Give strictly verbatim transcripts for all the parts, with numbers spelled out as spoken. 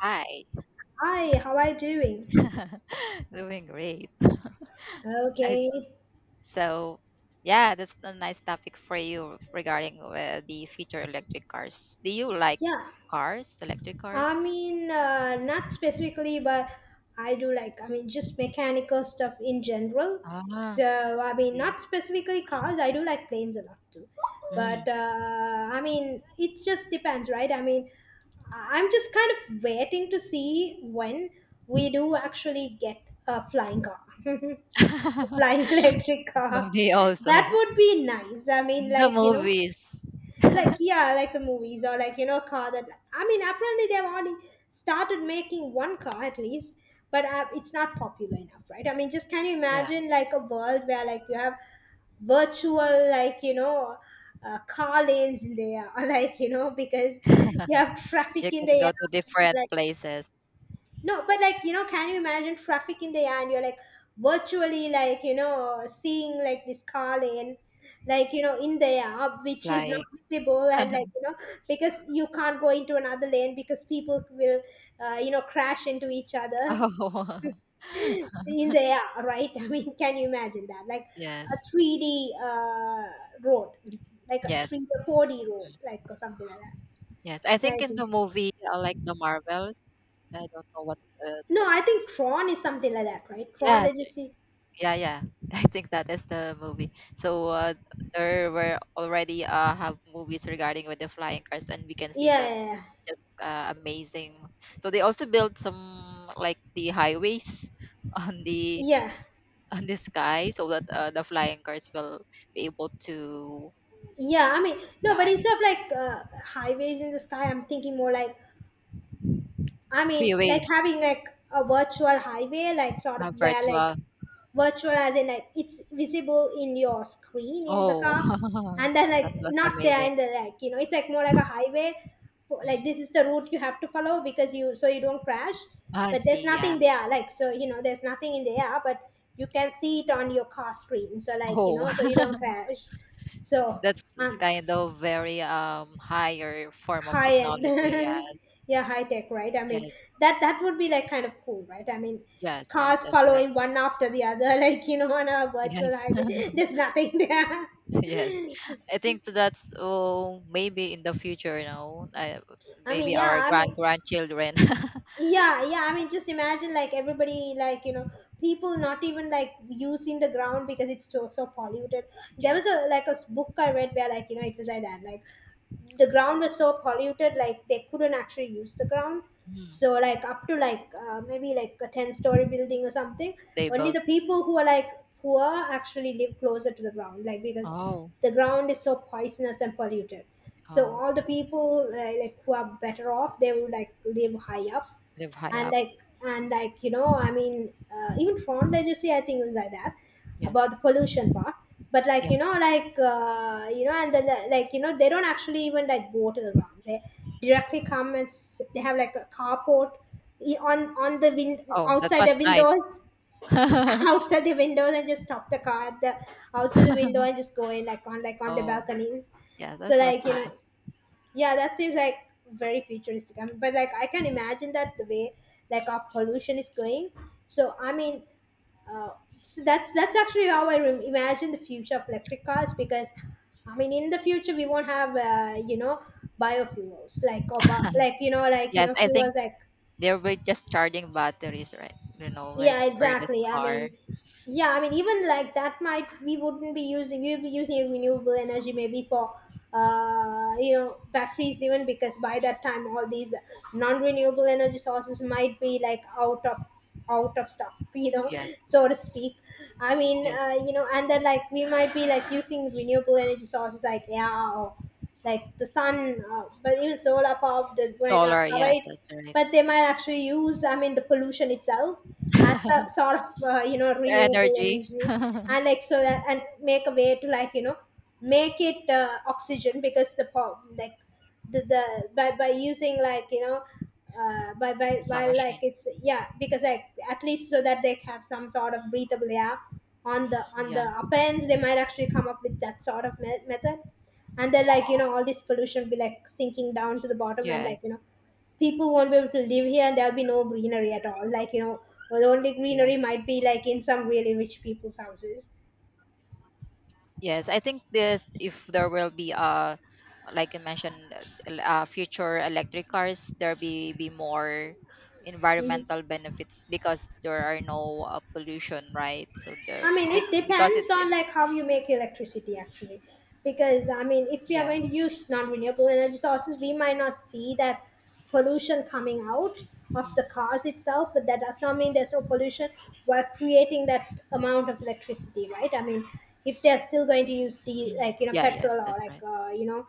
Hi. Hi, how are you doing? Doing great. I- Okay, So, yeah, that's a nice topic for you regarding uh, the future electric cars. Do you like yeah. cars, electric I cars? mean, uh, not specifically, but I do like, I mean, just mechanical stuff in general. Ah, So, I mean, see. not specifically cars, I do like planes a lot too. But, Mm. uh, I mean, it just depends, right? I mean, I- I'm just kind of waiting to see when we do actually get a flying car, a flying electric car. Me also. That would be nice. I mean, In the like, you know, movies. like yeah, like the movies, or like you know a car that, i mean apparently they've already started making one car at least, but uh, it's not popular enough, right? I mean just, can you Yeah, imagine like a world where like you have virtual, like you know uh, car lanes in there, or like you know because you have you traffic in can the go to air different like, places no, but like, you know, can you imagine traffic in the air and you're like virtually, like, you know, seeing like this car lane, like, you know, in the air, which is not flying. visible, and like, you know, because you can't go into another lane because people will, uh, you know, crash into each other Oh, in the air, right? I mean, can you imagine that? Like a yes, three D uh, road, like a yes, three D or four D road, like or something like that. yes. I think in the Right. movie, uh, like the Marvels, I don't know what. Uh, No, I think Tron is something like that, right? Tron yes, Legacy. yeah, yeah. I think that is the movie. So uh, there were already uh, have movies regarding with the flying cars, and we can see Yeah, that yeah, yeah. just uh, amazing. So they also built some like the highways on the Yeah, on the sky, so that uh, the flying cars will be able to yeah. I mean, no, but fly. instead of like uh, highways in the sky, I'm thinking more like, I mean, like Freeway, having like a virtual highway, like sort of uh, where like virtual. virtual as in like it's visible in your screen in the Oh, car, and then like that was not there amazing. in the, like you know, it's like more like a highway. For, Mm. like this is the route you have to follow because you, so you don't crash, I but see. there's Yeah. nothing there. Like so you know, there's nothing in the air, but you can see it on your car screen. So like you Oh. Know, so you don't crash. So That's um, kind of very um higher form of high end. technology. Yes. Yeah, high tech, right? i mean Yes. that that would be like kind of cool, right? i mean Yes. Yes. Cars That's right. following one after the other like you know on a virtual Yes. highway, there's nothing there. Yes. I think that's oh maybe in the future, you know, I, I mean, maybe yeah, our I mean, grand grandchildren. yeah, yeah. I mean, just imagine like everybody, like you know, people not even like using the ground because it's so so polluted. There was Yes. a like a s- book I read where like you know it was like that, like the ground was so polluted like they couldn't actually use the ground. Mm. So like up to like uh, maybe like a ten story building or something, They only built. the people who are like poor actually live closer to the ground, like because Oh. the ground is so poisonous and polluted. So Oh. all the people, uh, like who are better off, they would like live high up. Live high and up. like and like you know i mean uh, even Tron Legacy, I think, was like that about the Yes. pollution part. But like Yeah. you know like uh, you know and then, uh, like you know they don't actually even like go to the ground, they directly come and s- they have like a carport, i- on on the wind Oh, that outside the was nice. windows, outside the windows, and just stop the car at the outside the window and just go in like on like on the Oh, balconies. yeah, so that was like you know nice. yeah, that seems like very futuristic. I mean, but like I can imagine that the way like our pollution is going. So I mean, uh, so that's that's actually how I re- imagine the future of electric cars, because I mean, in the future we won't have, uh, you know biofuels, like or bi- like you know like you Yes, know I fuels think like, they'll be just charging batteries, right? You know, like yeah, for this exactly. I car. mean, yeah, I mean, even like that might, we wouldn't be using we'll be using a renewable energy maybe for, uh you know batteries even, because by that time all these non-renewable energy sources might be like out of, out of stock. You know, Yes, so to speak. i mean yes. Uh, you know and then like we might be like using renewable energy sources like, yeah, or like the sun. Uh, but even solar power, they might not Solar, cover yes, it, that's right. but they might actually use, I mean, the pollution itself as a sort of, uh, you know, The renewable energy. energy, and like so that, and make a way to, like, you know, make it uh, oxygen, because the po- like the, the by, by using like, you know, uh, by, by Some by like machine. it's yeah, because like at least so that they have some sort of breathable air on the on the Yeah. upper ends, they might actually come up with that sort of me- method. And then like you know all this pollution will be like sinking down to the bottom, and like you Yes. know people won't be able to live here, and there'll be no greenery at all, like you know the only greenery Yes. might be like in some really rich people's houses. Yes. I think this if there will be uh like I mentioned uh, uh, future electric cars there be be more Mhm. environmental benefits because there are no uh, pollution, right? So I the mean, be- it because depends it's on it's like how you make electricity actually, because I mean, if we are yeah. going to use non-renewable energy sources, we might not see that pollution coming out of Mm, the cars itself, but that does not mean there's no pollution while creating that amount of electricity, right? I mean, if they're still going to use the, mhm, like you know yeah, yes, petrol, or that's like right. uh, you know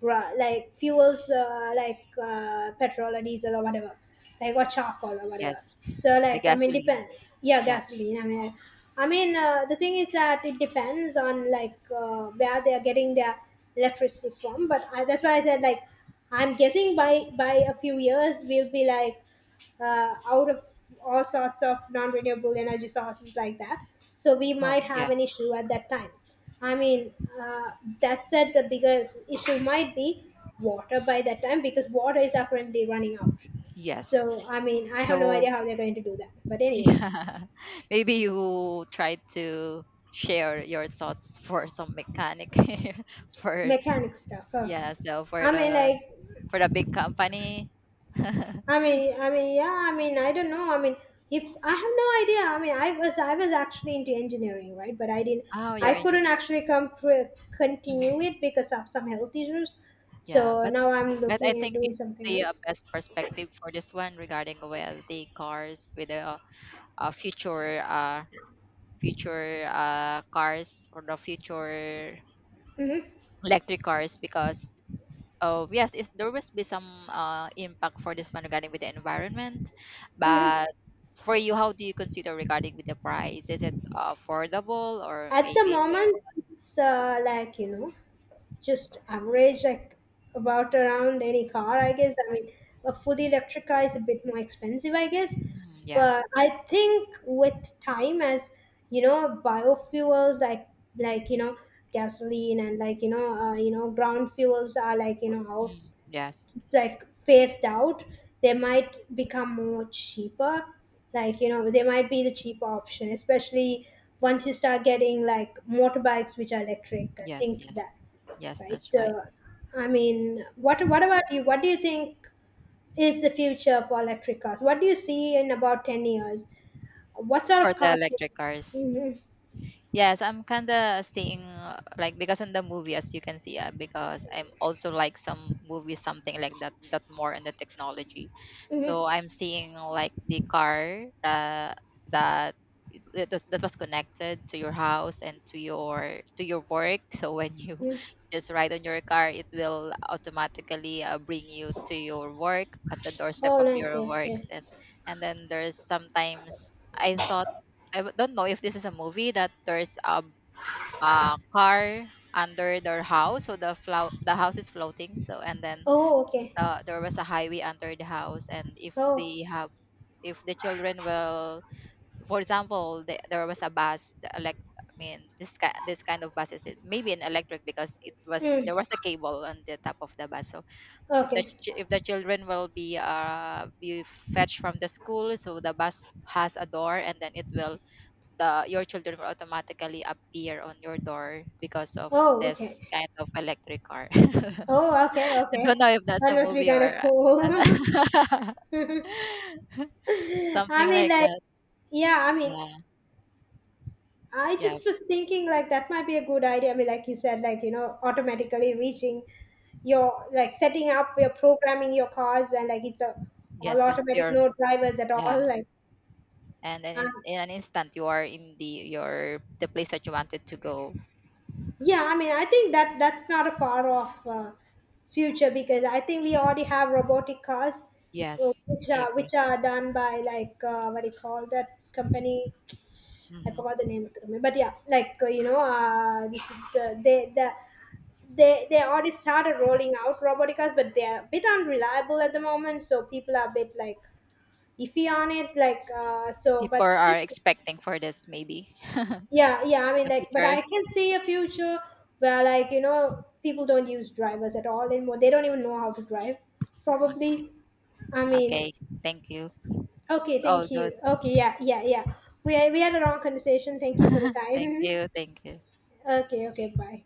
Ra- like fuels, uh, like uh, petrol or diesel or whatever, like or charcoal or whatever. Yes, So the like I mean, gasoline. depends. Yeah, Yeah. gasoline, I mean. I mean uh, the thing is that it depends on like uh, where they are getting their electricity from. But I, that's why I said like I'm guessing by by a few years we'll be like, uh, out of all sorts of non-renewable energy sources like that. So we might Oh, have yeah. an issue at that time. I mean, uh, that said, the biggest issue might be water by that time, because water is apparently running out. Yes. So I mean, I have no So, idea how they're going to do that. But anyway, yeah, maybe you try to share your thoughts for some mechanic here for mechanic stuff. Huh? yeah, so for I mean, the like for the big company. I mean, I mean, yeah, I mean, I don't know. I mean, if, I have no idea. I mean, I was, I was actually into engineering, right? But I didn't, Oh, I your couldn't engineer. actually come pr- continue Mhm. it because of some health issues. Yeah, So but now I'm but I looking at think doing it's something the uh, else. best perspective for this one regarding with the cars with the uh, future uh future uh cars or the future Hmm. electric cars because uh, yes it's, there must be some uh, impact for this one regarding with the environment. Hmm. But for you, how do you consider regarding with the price? Is it affordable or At the maybe moment, it's, uh, like you know. just average, like about around any car, I guess. I mean a fully electric car is a bit more expensive, I guess, mm, yeah, but I think with time, as, you know biofuels, like like you know gasoline, and like you know uh, you know ground fuels are, like you know out, mm, yes, like phased out, they might become more cheaper. Like you know they might be the cheaper option, especially once you start getting like motorbikes which are electric and yes, things like yes, that, yes, right? that's right So, I mean, what what about you? What do you think is the future for electric cars? What do you see in about ten years? What sort for of the cars? electric cars. Mm-hmm. Yes, I'm kind of seeing uh, like because in the movie, as you can see, uh, because I'm also like some movies, something like that, that more in the technology. So I'm Mm-hmm. seeing like the car uh, that it- that, that was connected to your house and to your to your work. So when you just ride on your car, it will automatically uh, bring you to your work at the doorstep Oh, of nice. your Yeah, yeah. works. And and then there's sometimes I thought I w- don't know if this is a movie that there's a, a car under their house, so the flow the house is floating. So and then Oh, okay. the, there was a highway under the house, and if Oh, they have if the children will, for example, the, there was a bus, the elect, I mean, this kind this kind of buses, it- maybe an electric because it was mm. there was a cable on the top of the bus. So if the Okay. ch- if the children will be uh be fetched from the school, so the bus has a door, and then it will the your children will automatically appear on your door because of Oh, okay. this kind of electric car. Oh, okay, I okay. don't know if that's That a must be movie kind of or cool. I something mean, like like, that. yeah. I mean, Yeah, I yeah, just was thinking like that might be a good idea. I mean, like you said, like you know, automatically reaching your, like setting up your, programming your cars, and like it's a all yes, to automatic, your no drivers at yeah, all. Like, and then um, in, in an instant you are in the your the place that you wanted to go. yeah, I mean, I think that that's not a far off uh, future, because I think we already have robotic cars, uh, Yes, which I are, agree. which are done by like uh, what do you call that company? I Hmm. forgot the name of the company, but yeah, like, uh, you know, uh, this, the, they the they they already started rolling out robotic cars, but they're a bit unreliable at the moment, so people are a bit like iffy on it. Like uh, so, People but still, are expecting for this maybe yeah, yeah. I mean, the like, but future. I can see a future where like you know people don't use drivers at all anymore. They don't even know how to drive, Okay, probably. I mean, okay, thank you. okay, It's all thank good. you. Okay, yeah, yeah, yeah. We we had a long conversation. Thank you for the Thank time. you, thank you. Okay, okay, bye.